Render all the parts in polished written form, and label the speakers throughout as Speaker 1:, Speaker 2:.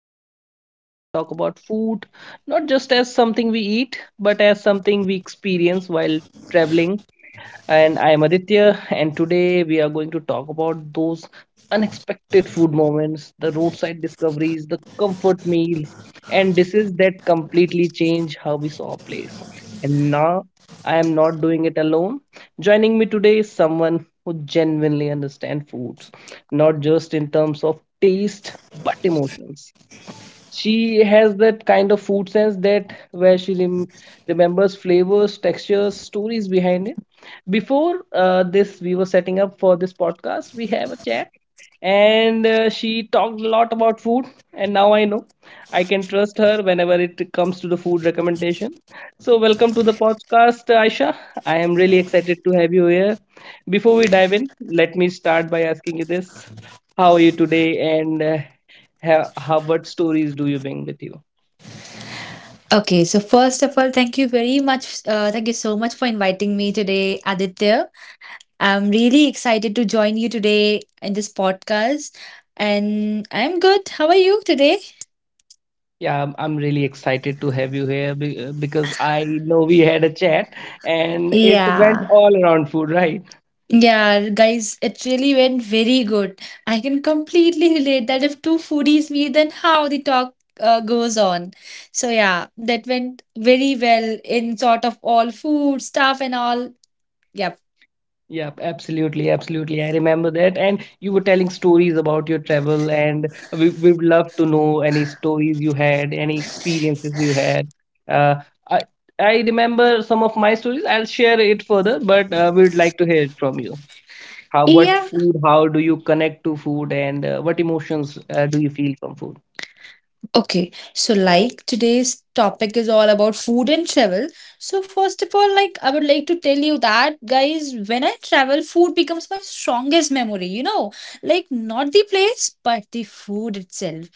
Speaker 1: a podcast where we talk about food, not just as something we eat, but as something we experience while traveling. And I am Aditya, and today we are going to talk about those unexpected food moments, the roadside discoveries, the comfort meals, and dishes that completely change how we saw a place. And now I am not doing it alone. Joining me today is someone who genuinely understands foods, not just in terms of taste, but emotions. She has that kind of food sense that where she remembers flavors, textures, stories behind it. Before this, we were setting up for this podcast, we have a chat, and she talked a lot about food, and now I know I can trust her whenever it comes to the food recommendation. So welcome to the podcast, Aisha. I am really excited to have you here. Before we dive in, let me start by asking you this: how are you today, and how, what stories do you bring with you?
Speaker 2: Okay, so first of all, thank you very much. Thank you so much for inviting me today, Aditya. I'm really excited to join you today in this podcast. And I'm good. How are you today?
Speaker 1: Yeah, I'm really excited to have you here because I know we had a chat, and it went
Speaker 2: Yeah.
Speaker 1: all around food, right?
Speaker 2: Yeah, guys, it really went very good. I can completely relate that if two foodies meet, then how the talk goes on. So, yeah, that went very well in sort of all food stuff and all. Yep.
Speaker 1: Yeah, absolutely, absolutely. I remember that. And you were telling stories about your travel, and we would love to know any stories you had, any experiences you had. Uh, I I remember some of my stories. I'll share it further, but we would like to hear it from you. How, what food, how do you connect to food, and what emotions do you feel from food?
Speaker 2: Okay, so like today's topic is all about food and travel. So first of all, like I would like to tell you that guys, when I travel, food becomes my strongest memory, you know, like not the place, but the food itself.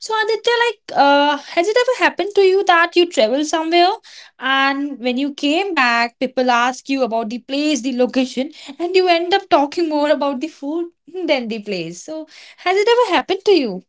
Speaker 2: So Aditya, like has it ever happened to you that you travel somewhere and when you came back, people ask you about the place, the location, and you end up talking more about the food than the place. So has it ever happened to you?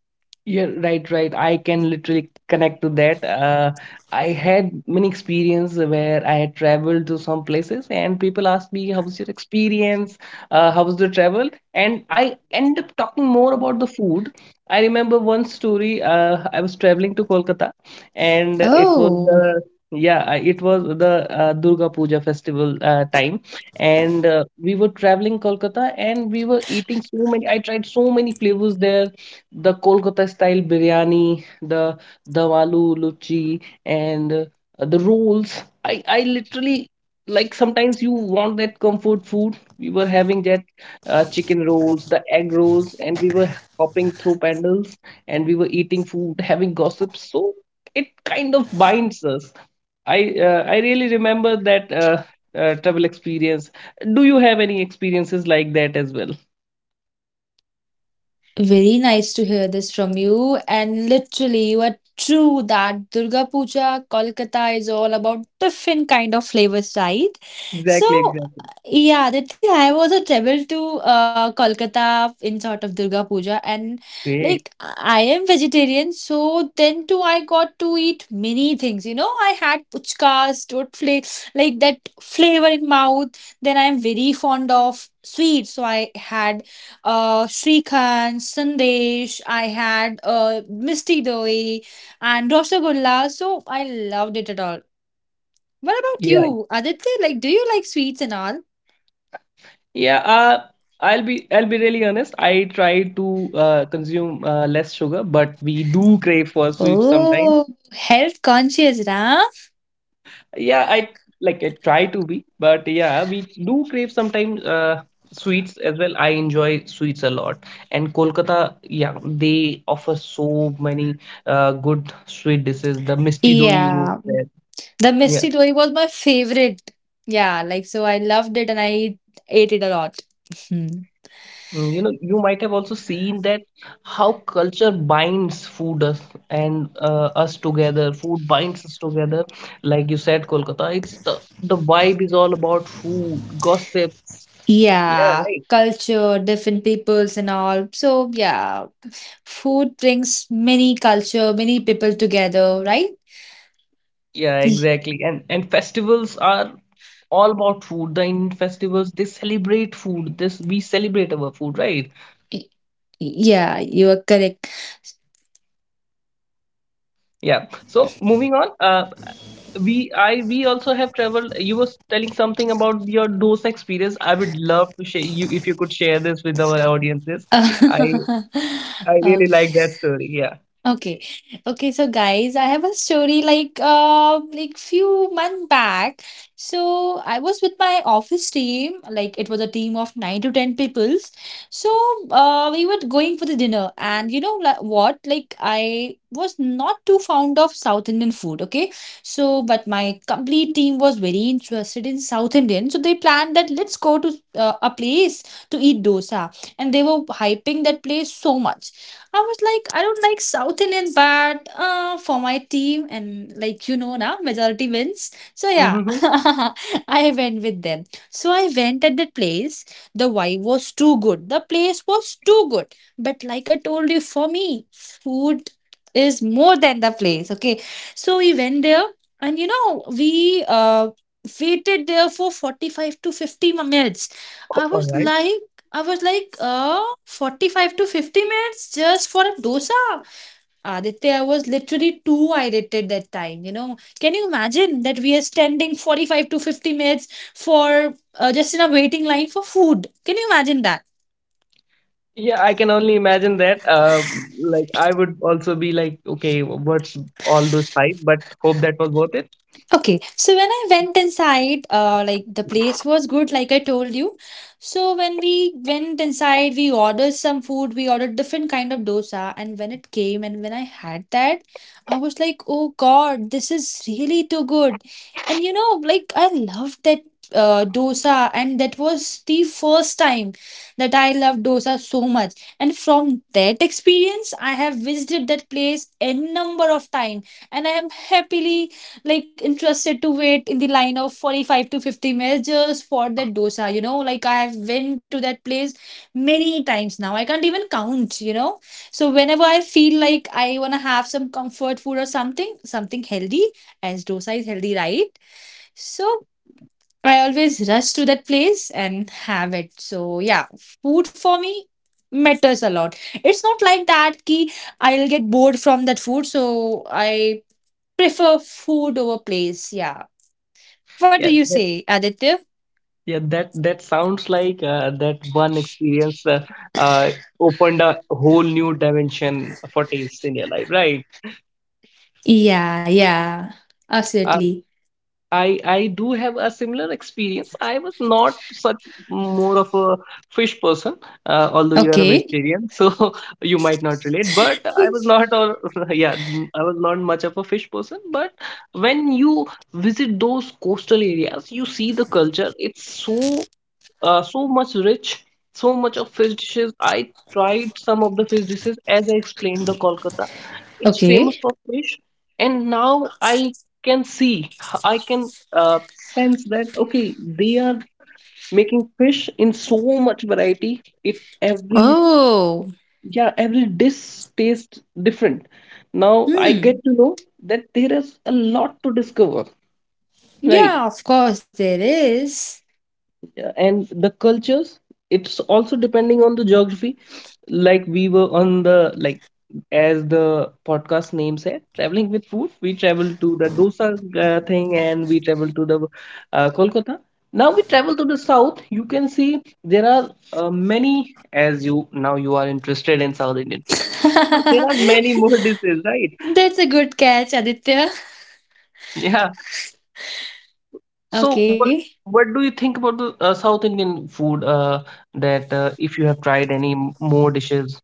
Speaker 1: Yeah, right, right. I can literally connect to that. I had many experience where I had traveled to some places and people asked me, how was your experience? How was the travel? And I end up talking more about the food. I remember one story. I was traveling to Kolkata, and it was
Speaker 2: Oh.
Speaker 1: the— yeah, it was the Durga Puja festival time, and we were traveling Kolkata, and we were eating so many. I tried so many flavors there, the Kolkata style biryani, the Davalu luchi, and the rolls. I literally, like, sometimes you want that comfort food. We were having that chicken rolls, the egg rolls, and we were hopping through pandals, and we were eating food, having gossip. So it kind of binds us. I really remember that. Travel experience. Do you have any experiences like that as well?
Speaker 2: Very nice to hear this from you. And literally, you are true that Durga Puja, Kolkata is all about different kind of flavors, right?
Speaker 1: Exactly,
Speaker 2: So,
Speaker 1: exactly.
Speaker 2: yeah, that I was a travel to Kolkata in sort of Durga Puja, and
Speaker 1: Great.
Speaker 2: like I am vegetarian, so then too I got to eat many things. You know, I had puchkas, like that flavor in mouth. Then I am very fond of sweets, so I had Srikhand, Sandesh, I had Misty Doi and Rosagullas, so I loved it at all. What about
Speaker 1: Yeah.
Speaker 2: you, Aditya? Like, do you like sweets and all?
Speaker 1: Yeah, I'll be really honest. I try to consume less sugar, but we do crave for sweets sometimes.
Speaker 2: Oh, health conscious, huh?
Speaker 1: Yeah, I, like, I try to be, but yeah, we do crave sometimes sweets as well. I enjoy sweets a lot, and Kolkata, yeah, they offer so many good sweet dishes. The Misti Do you.
Speaker 2: Yeah, the Misty Doi was my favorite. Yeah, like so I loved it and I ate it a lot. Mhm.
Speaker 1: Mm, you know, you might have also seen that how culture binds food us and us together. Food binds us together. Like you said, Kolkata, it's the vibe is all about food, gossips. Yeah,
Speaker 2: Yeah,
Speaker 1: right.
Speaker 2: culture, different peoples and all. So yeah, food brings many culture, many people together, right?
Speaker 1: Yeah,
Speaker 2: Y-
Speaker 1: exactly. And festivals are all about food. The Indian festivals, they celebrate food. This we celebrate our food, right?
Speaker 2: y- Yeah, you are correct.
Speaker 1: Yeah. So moving on. We also have traveled. You was telling something about your dose experience. I would love to share you if you could share this with our audiences. I i really
Speaker 2: Okay.
Speaker 1: like that story, yeah.
Speaker 2: Okay. Okay, so guys, I have a story like few months back. So I was with my office team, like it was a team of nine to ten peoples. So we were going for the dinner and you know like, what? Like I was not too fond of South Indian food, okay? So but my complete team was very interested in South Indian. So they planned that let's go to a place to eat dosa, and they were hyping that place so much. I was like, I don't like South Indian, but for my team and like you know now, majority wins. So yeah,
Speaker 1: Mm-hmm.
Speaker 2: I went with them. So I went at that place. The vibe was too good. The place was too good. But like I told you, for me, food is more than the place. Okay, so we went there, and you know we waited there for 45 to 50 minutes. i
Speaker 1: All
Speaker 2: was
Speaker 1: right.
Speaker 2: like I was like, uh, 45 to 50 minutes just for a dosa. Aditya, I was literally too irritated that time. You know, can you imagine that we are standing 45 to 50 minutes for just in a waiting line for food? Can you imagine that?
Speaker 1: Yeah, I can only imagine that, like, I would also be like, okay, what's all those hype, but hope that was worth it.
Speaker 2: Okay, so when I went inside, like the place was good, like I told you. So when we went inside, we ordered some food. We ordered different kind of dosa, and when it came and when I had that, I was like, "Oh God, this is really too good," and you know, like I loved that dosa, and that was the first time that I loved dosa so much. And from that experience, I have visited that place a number of times, and I am happily like interested to wait in the line of 45 to 50 minutes just for that dosa. You know, like I have been to that place many times now, I can't even count, you know. So whenever I feel like I want to have some comfort food or something, something healthy, as dosa is healthy, right? So I always rush to that place and have it. So yeah, food for me matters a lot. It's not like that ki I'll get bored from that food. So I prefer food over place. Yeah, what do
Speaker 1: yeah
Speaker 2: you
Speaker 1: that,
Speaker 2: say, Aditya?
Speaker 1: yeah that that sounds like that one experience uh, opened a whole new dimension for taste in your life, right?
Speaker 2: Yeah, yeah, absolutely.
Speaker 1: I do have a similar experience. I was not such more of a fish person, although you are a
Speaker 2: Okay.
Speaker 1: vegetarian, so you might not relate. But I was not, or yeah, I was not much of a fish person. But when you visit those coastal areas, you see the culture. It's so much rich, so much of fish dishes. I tried some of the fish dishes as I explained the Kolkata. It's famous
Speaker 2: Okay.
Speaker 1: for fish, and now I can see, I can sense that okay, they are making fish in so much variety. It every
Speaker 2: Oh,
Speaker 1: Yeah, every dish tastes different. Now I
Speaker 2: hmm.
Speaker 1: get to know that there is a lot to discover, right?
Speaker 2: Yeah, of course there is.
Speaker 1: Yeah, and the cultures, it's also depending on the geography. Like, we were on the, like, as the podcast name said, traveling with food, we traveled to the dosa thing, and we traveled to the Kolkata. Now we travel to the south. You can see there are many, as you now you are interested in South Indian food. So there are many
Speaker 2: That's
Speaker 1: more dishes, right?
Speaker 2: a good catch, Aditya.
Speaker 1: Yeah. So what
Speaker 2: Okay.
Speaker 1: what do you think about the South Indian food that if you have tried any more dishes?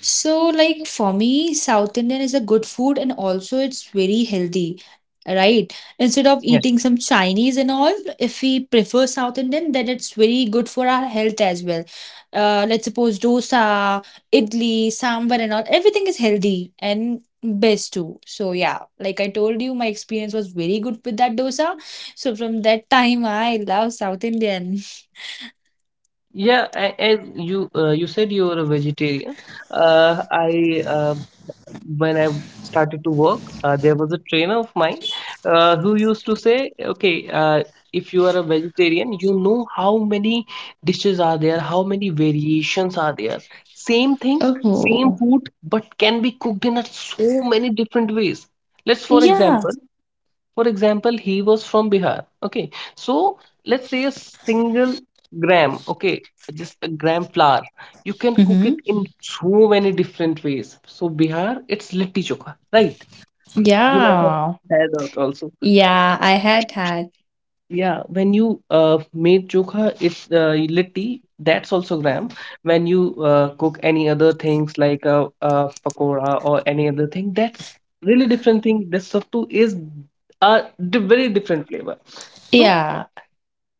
Speaker 2: So, like for me, South Indian is a good food and also it's very healthy, right? Instead of
Speaker 1: Yeah.
Speaker 2: eating some Chinese and all, if we prefer South Indian, then it's very good for our health as well. Let's suppose dosa, idli, sambar, and all, everything is healthy and best too. So, yeah, like I told you, my experience was very good with that dosa. So, from that time, I love South Indian.
Speaker 1: Yeah, as you you said you were a vegetarian. I When I started to work, there was a trainer of mine who used to say, "Okay, if you are a vegetarian, you know how many dishes are there, how many variations are there. Same thing, same
Speaker 2: Oh.
Speaker 1: food, but can be cooked in a so many different ways. Let's, for
Speaker 2: Yeah.
Speaker 1: example, for example he was from Bihar, okay. So let's say a single gram, okay, just a gram flour. You can cook
Speaker 2: Mm-hmm.
Speaker 1: it in so many different ways. So Bihar, it's litti chokha, right? You might have
Speaker 2: Yeah.
Speaker 1: had that also.
Speaker 2: Yeah, I had had.
Speaker 1: Yeah, when you made chokha, it's litti, that's also gram. When you cook any other things like a pakora or any other thing, that's really different thing. This sattu is a very different flavor. So
Speaker 2: Yeah.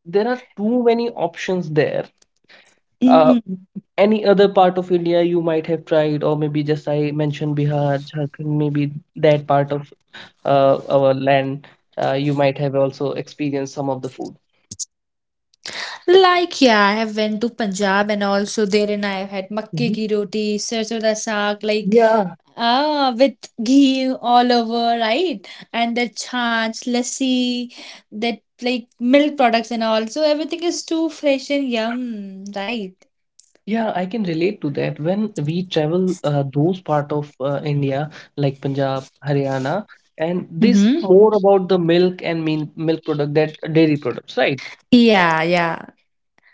Speaker 1: there are too many options there. Uh,
Speaker 2: Mm,
Speaker 1: any other part of India you might have tried, or maybe just I mentioned Bihar, Jharkhand, maybe that part of our land, you might have also experienced some of the food.
Speaker 2: like yeah, I have went to Punjab and also therein I have had makke
Speaker 1: Mhm.
Speaker 2: ki roti, sarson da saag, like
Speaker 1: Yeah,
Speaker 2: with ghee all over, right? And the chaach, lassi, that like milk products and all. So everything is too fresh and yum, right?
Speaker 1: yeah, I can relate to that. When we travel those part of India, like Punjab, Haryana, and this
Speaker 2: Mm-hmm.
Speaker 1: more about the milk and mean milk product, that dairy products, right?
Speaker 2: Yeah, yeah,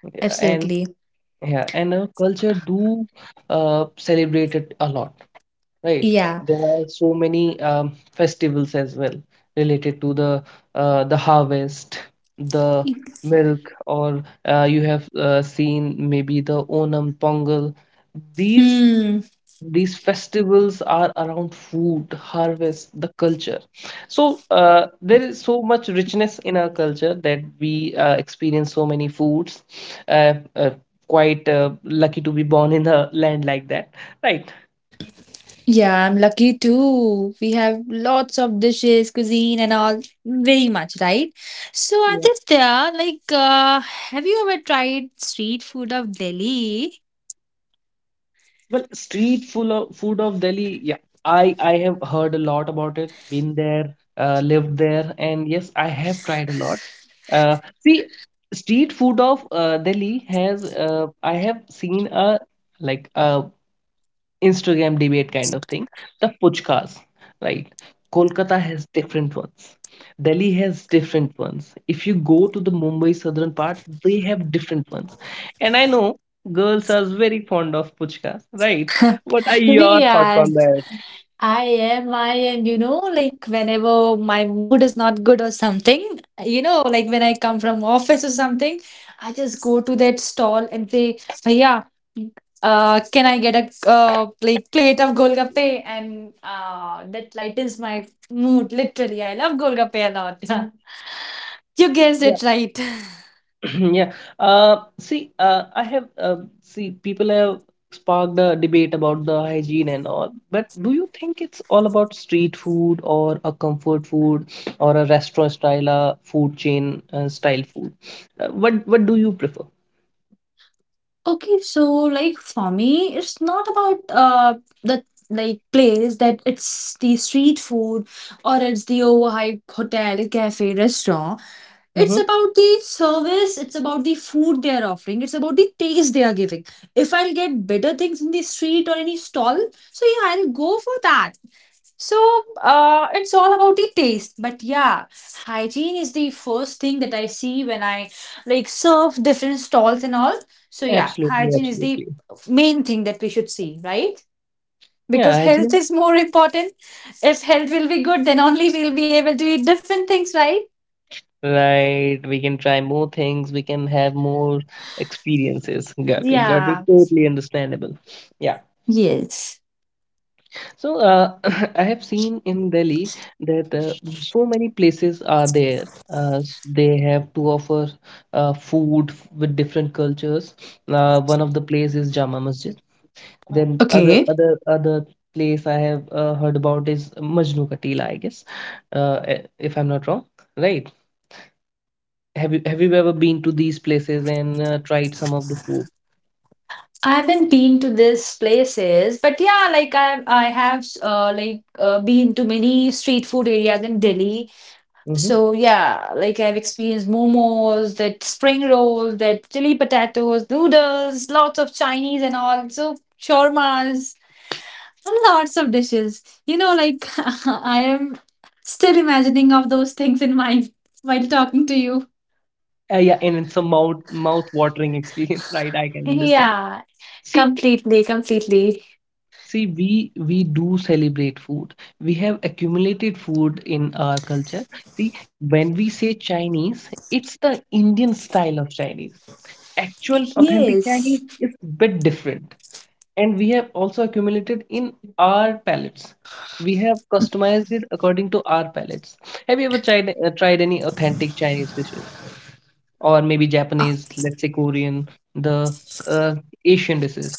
Speaker 1: Yeah. And
Speaker 2: absolutely.
Speaker 1: yeah, and our culture do celebrate it a lot, right?
Speaker 2: Yeah.
Speaker 1: There are so many festivals as well related to the harvest, the milk, or you have seen maybe the Onam, Pongal. These
Speaker 2: Hmm.
Speaker 1: these festivals are around food, harvest, the culture. So there is so much richness in our culture that we experience so many foods, uh, uh, quite lucky to be born in a land like that, right?
Speaker 2: Yeah, I'm lucky too. We have lots of dishes, cuisine, and all very much, right? So,
Speaker 1: Yeah.
Speaker 2: Aditya, like, have you ever tried street food of Delhi?
Speaker 1: Well, street full of food of Delhi, yeah. I have heard a lot about it, been there, lived there, and yes, I have tried a lot. Uh, see, street food of Delhi has I have seen a like a Instagram debate kind of thing. The puchkas, right? Kolkata has different ones. Delhi has different ones. If you go to the Mumbai southern part, they have different ones. And I know girls are very fond of puchkas, right? What are your
Speaker 2: We
Speaker 1: thoughts
Speaker 2: are.
Speaker 1: on that?
Speaker 2: I am, you know, like whenever my mood is not good or something, you know, like when I come from office or something, I just go to that stall and say, Bhaiya, can I get a like plate of golgappe? And that lightens my mood, literally. I love golgappe a lot. You guessed it right.
Speaker 1: Yeah. Uh, see, uh, I have uh, see, people have sparked a debate about the hygiene and all, but do you think it's all about street food or a comfort food or a restaurant style food chain style food? What do you prefer?
Speaker 2: Okay, so like for me, it's not about the like place that it's the street food or it's the overhyped hotel, cafe, restaurant. It's
Speaker 1: Mm-hmm.
Speaker 2: about the service, it's about the food they are offering, it's about the taste they are giving. If I'll get better things in the street or any stall, so yeah, I'll go for that. So, it's all about the taste, but yeah, hygiene is the first thing that I see when I like serve different stalls and all. So yeah,
Speaker 1: Absolutely,
Speaker 2: hygiene is the
Speaker 1: absolutely.
Speaker 2: main thing that we should see, right?
Speaker 1: Yeah,
Speaker 2: Because health
Speaker 1: hygiene.
Speaker 2: is more important. If health will be good, then only we'll be able to eat different things, right?
Speaker 1: Right. We can try more things. We can have more experiences. Got it. Got it.
Speaker 2: Yeah.
Speaker 1: Totally understandable. Yeah.
Speaker 2: Yes.
Speaker 1: So I have seen in Delhi that so many places are there. They have to offer food with different cultures. One of the place is Jama Masjid. Then other
Speaker 2: Okay.
Speaker 1: other other place I have heard about is Majnu Ka Tila, I guess, if I'm not wrong. Right? Have you ever been to these places and tried some of the food?
Speaker 2: I haven't been to these places, but yeah, like I have like been to many street food areas in Delhi.
Speaker 1: Hmm.
Speaker 2: So yeah, like I've experienced momos, that spring rolls, that chili potatoes, noodles, lots of Chinese and all, so shawarmas and lots of dishes. You know, like I am still imagining of those things in mind while talking to you.
Speaker 1: Yeah, and it's a mouth watering experience, right? I can understand.
Speaker 2: Yeah,
Speaker 1: See,
Speaker 2: completely, completely.
Speaker 1: See, we do celebrate food. We have accumulated food in our culture. See, when we say Chinese, it's the Indian style of Chinese. Actual authentic
Speaker 2: Yes.
Speaker 1: Chinese is bit different. And we have also accumulated in our palates. We have customized it according to our palates. Have you ever tried any authentic Chinese dishes? Or maybe Japanese, let's say Korean, the uh, Asian dishes.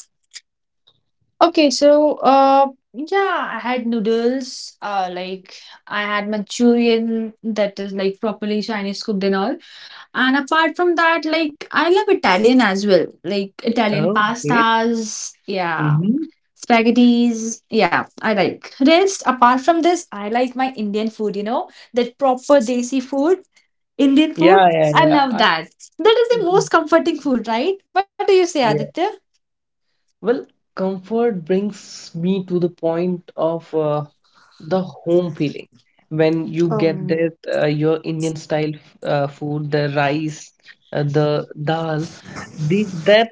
Speaker 2: Okay, so yeah, I had noodles, like I had Manchurian that is like properly Chinese cooked and all. And apart from that, like I love Italian as well. Like Italian
Speaker 1: Oh, great.
Speaker 2: pastas, yeah.
Speaker 1: Hmm.
Speaker 2: Spaghettis, yeah, I like. Rest, apart from this, I like my Indian food, you know, that proper desi food, Indian food.
Speaker 1: Yeah,
Speaker 2: I
Speaker 1: yeah,
Speaker 2: love
Speaker 1: yeah.
Speaker 2: that. That is the
Speaker 1: Mhm.
Speaker 2: most comforting food, right? What do you say,
Speaker 1: Yeah.
Speaker 2: Aditya?
Speaker 1: Well, comfort brings me to the point of the home feeling. When you get
Speaker 2: Um,
Speaker 1: that your Indian style food, the rice, the dal, the, that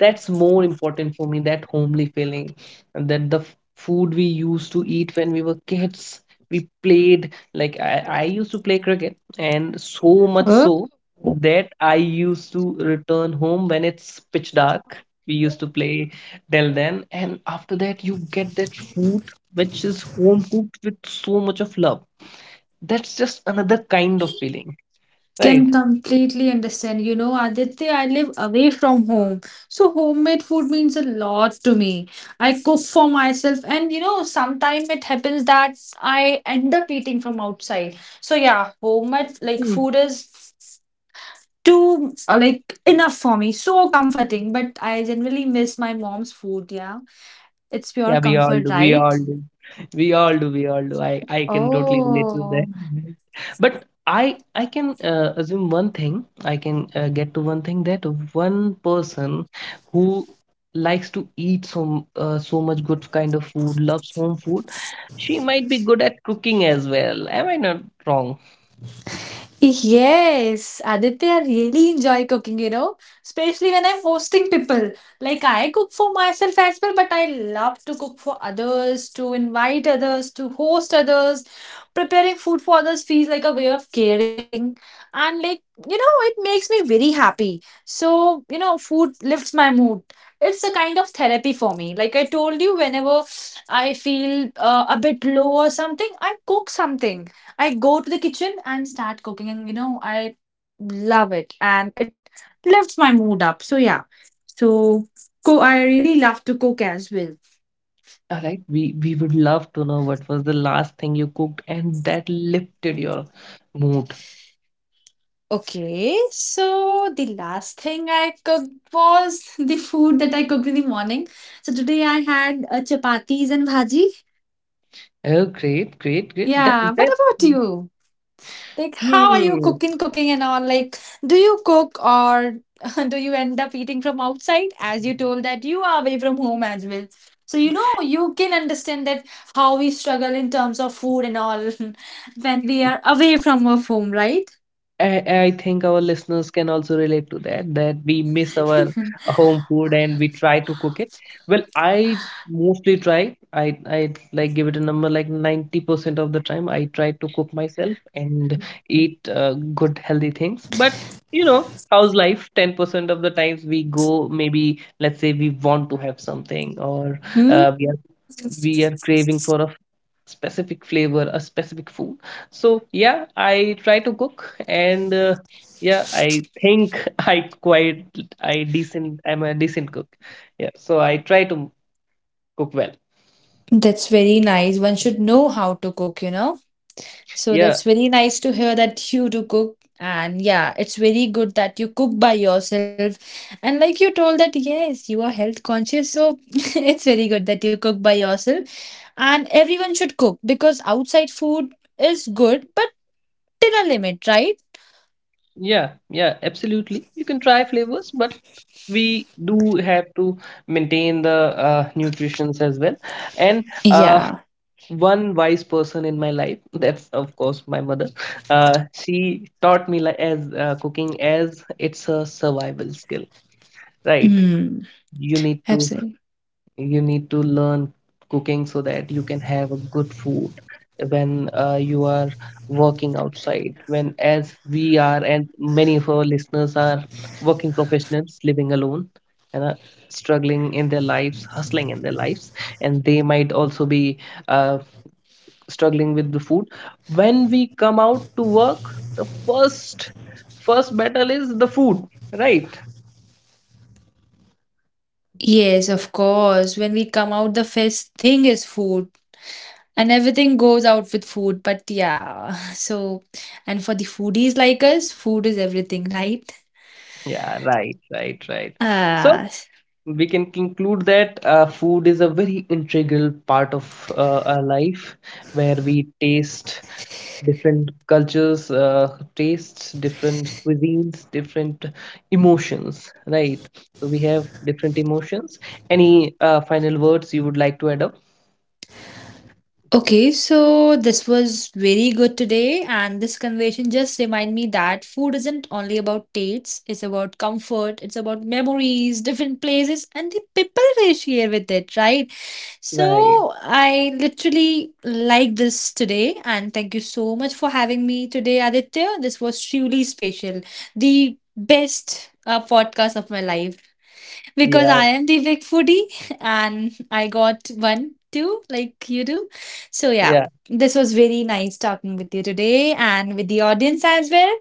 Speaker 1: that's more important for me, that homely feeling, and that the food we used to eat when we were kids. We played, like I used to play cricket, and so much so that I used to return home when it's pitch dark. We used to play till then, and after that you get that food which is home cooked with so much of love. That's just another kind of feeling, right?
Speaker 2: Can completely understand. You know, Aditya, I live away from home. So homemade food means a lot to me. I cook for myself and you know, sometimes it happens that I end up eating from outside. So yeah, homemade like food is too like enough for me. So comforting. But I generally miss my mom's food, yeah. It's pure
Speaker 1: Yeah, we all
Speaker 2: comfort,
Speaker 1: do. We
Speaker 2: right?
Speaker 1: all do. I can totally relate to
Speaker 2: Oh.
Speaker 1: that. But I can assume one thing. I can get to one thing, that one person who likes to eat so so much good kind of food, loves home food, she might be good at cooking as well. Am I not wrong?
Speaker 2: Yes, Aditya, I really enjoy cooking, you know, especially when I'm hosting people. Like I cook for myself as well, but I love to cook for others, to invite others, to host others. Preparing food for others feels like a way of caring. And like, you know, it makes me very happy. So, you know, food lifts my mood. It's a kind of therapy for me. Like I told you, whenever I feel a bit low or something, I cook something, I go to the kitchen and start cooking, and you know, I love it and it lifts my mood up. So, yeah, so I really love to cook as well.
Speaker 1: All right. We would love to know what was the last thing you cooked and that lifted your mood.
Speaker 2: Okay, so the last thing I cooked was the food that I cooked in the morning. So, today I had chapatis and bhaji.
Speaker 1: Oh, great, great, great. That
Speaker 2: Yeah, what
Speaker 1: that.
Speaker 2: about you? Like, how are you
Speaker 1: Hmm.
Speaker 2: cooking and all? Like, do you cook or do you end up eating from outside? As you told that you are away from home as well. So, you know, you can understand that how we struggle in terms of food and all when we are away from our home, right?
Speaker 1: I, I think our listeners can also relate to that, that we miss our home food and we try to cook it. Well, I mostly try. I like, give it a number, like 90% of the time I try to cook myself and eat good healthy things. But you know, how's life? 10% of the times we go, maybe let's say we want to have something, or
Speaker 2: Hmm,
Speaker 1: we are, we are craving for a specific flavor, a specific food. So yeah, I try to cook, and yeah, I think I quite, I decent. I'm a decent cook. Yeah, so I try to cook well.
Speaker 2: that's very nice. One should know how to cook, you know. So
Speaker 1: Yeah,
Speaker 2: that's very nice to hear that you do cook. And yeah, it's very good that you cook by yourself. And like you told that, yes, you are health conscious. So it's very good that you cook by yourself. And everyone should cook because outside food is good, but till a limit, right?
Speaker 1: yeah, yeah, absolutely. You can try flavors, but we do have to maintain the nutritions as well. And
Speaker 2: Yeah.
Speaker 1: one wise person in my life, that's of course my mother, she taught me, like, as cooking, as it's a survival skill, right?
Speaker 2: Mm,
Speaker 1: You need to,
Speaker 2: absolutely.
Speaker 1: you need to learn cooking so that you can have a good food when you are working outside, when as we are, and many of our listeners are working professionals living alone and are struggling in their lives, hustling in their lives, and they might also be uh, struggling with the food. When we come out to work, the first battle is the food, right?
Speaker 2: Yes, of course. When we come out, the first thing is food. And everything goes out with food. But yeah, so, and for the foodies like us, food is everything, right?
Speaker 1: Yeah, right, right, right. So
Speaker 2: Ah.
Speaker 1: we can conclude that food is a very integral part of our life, where we taste different cultures, tastes different cuisines, different emotions, right? So we have different emotions. Any final words you would like to add up?
Speaker 2: Okay, so this was very good today, and this conversation just remind me that food isn't only about tastes, it's about comfort, it's about memories, different places, and the people they share with it, right?
Speaker 1: Right.
Speaker 2: So I literally like this today, and thank you so much for having me today, Aditya. This was truly special, the best podcast of my life because
Speaker 1: Yeah,
Speaker 2: I am the big foodie and I got one too, like you do. So, yeah,
Speaker 1: yeah.
Speaker 2: this was very nice talking with you today and with the audience as well.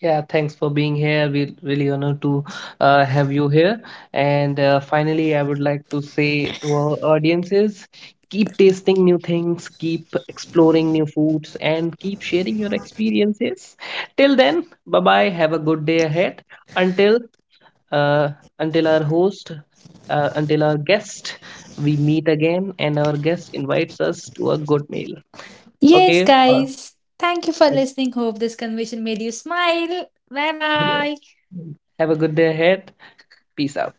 Speaker 1: Yeah, thanks for being here. We really honored to have you here. And finally, I would like to say to our audiences, keep tasting new things, keep exploring new foods, and keep sharing your experiences. Till then, bye bye. Have a good day ahead. Until uh, until our host, until our guest, we meet again, and our guest invites us to a good meal.
Speaker 2: Yes,
Speaker 1: Okay.
Speaker 2: guys, thank you for listening. Hope this conversation made you smile. Bye
Speaker 1: Yeah.
Speaker 2: bye.
Speaker 1: Have a good day ahead. Peace out.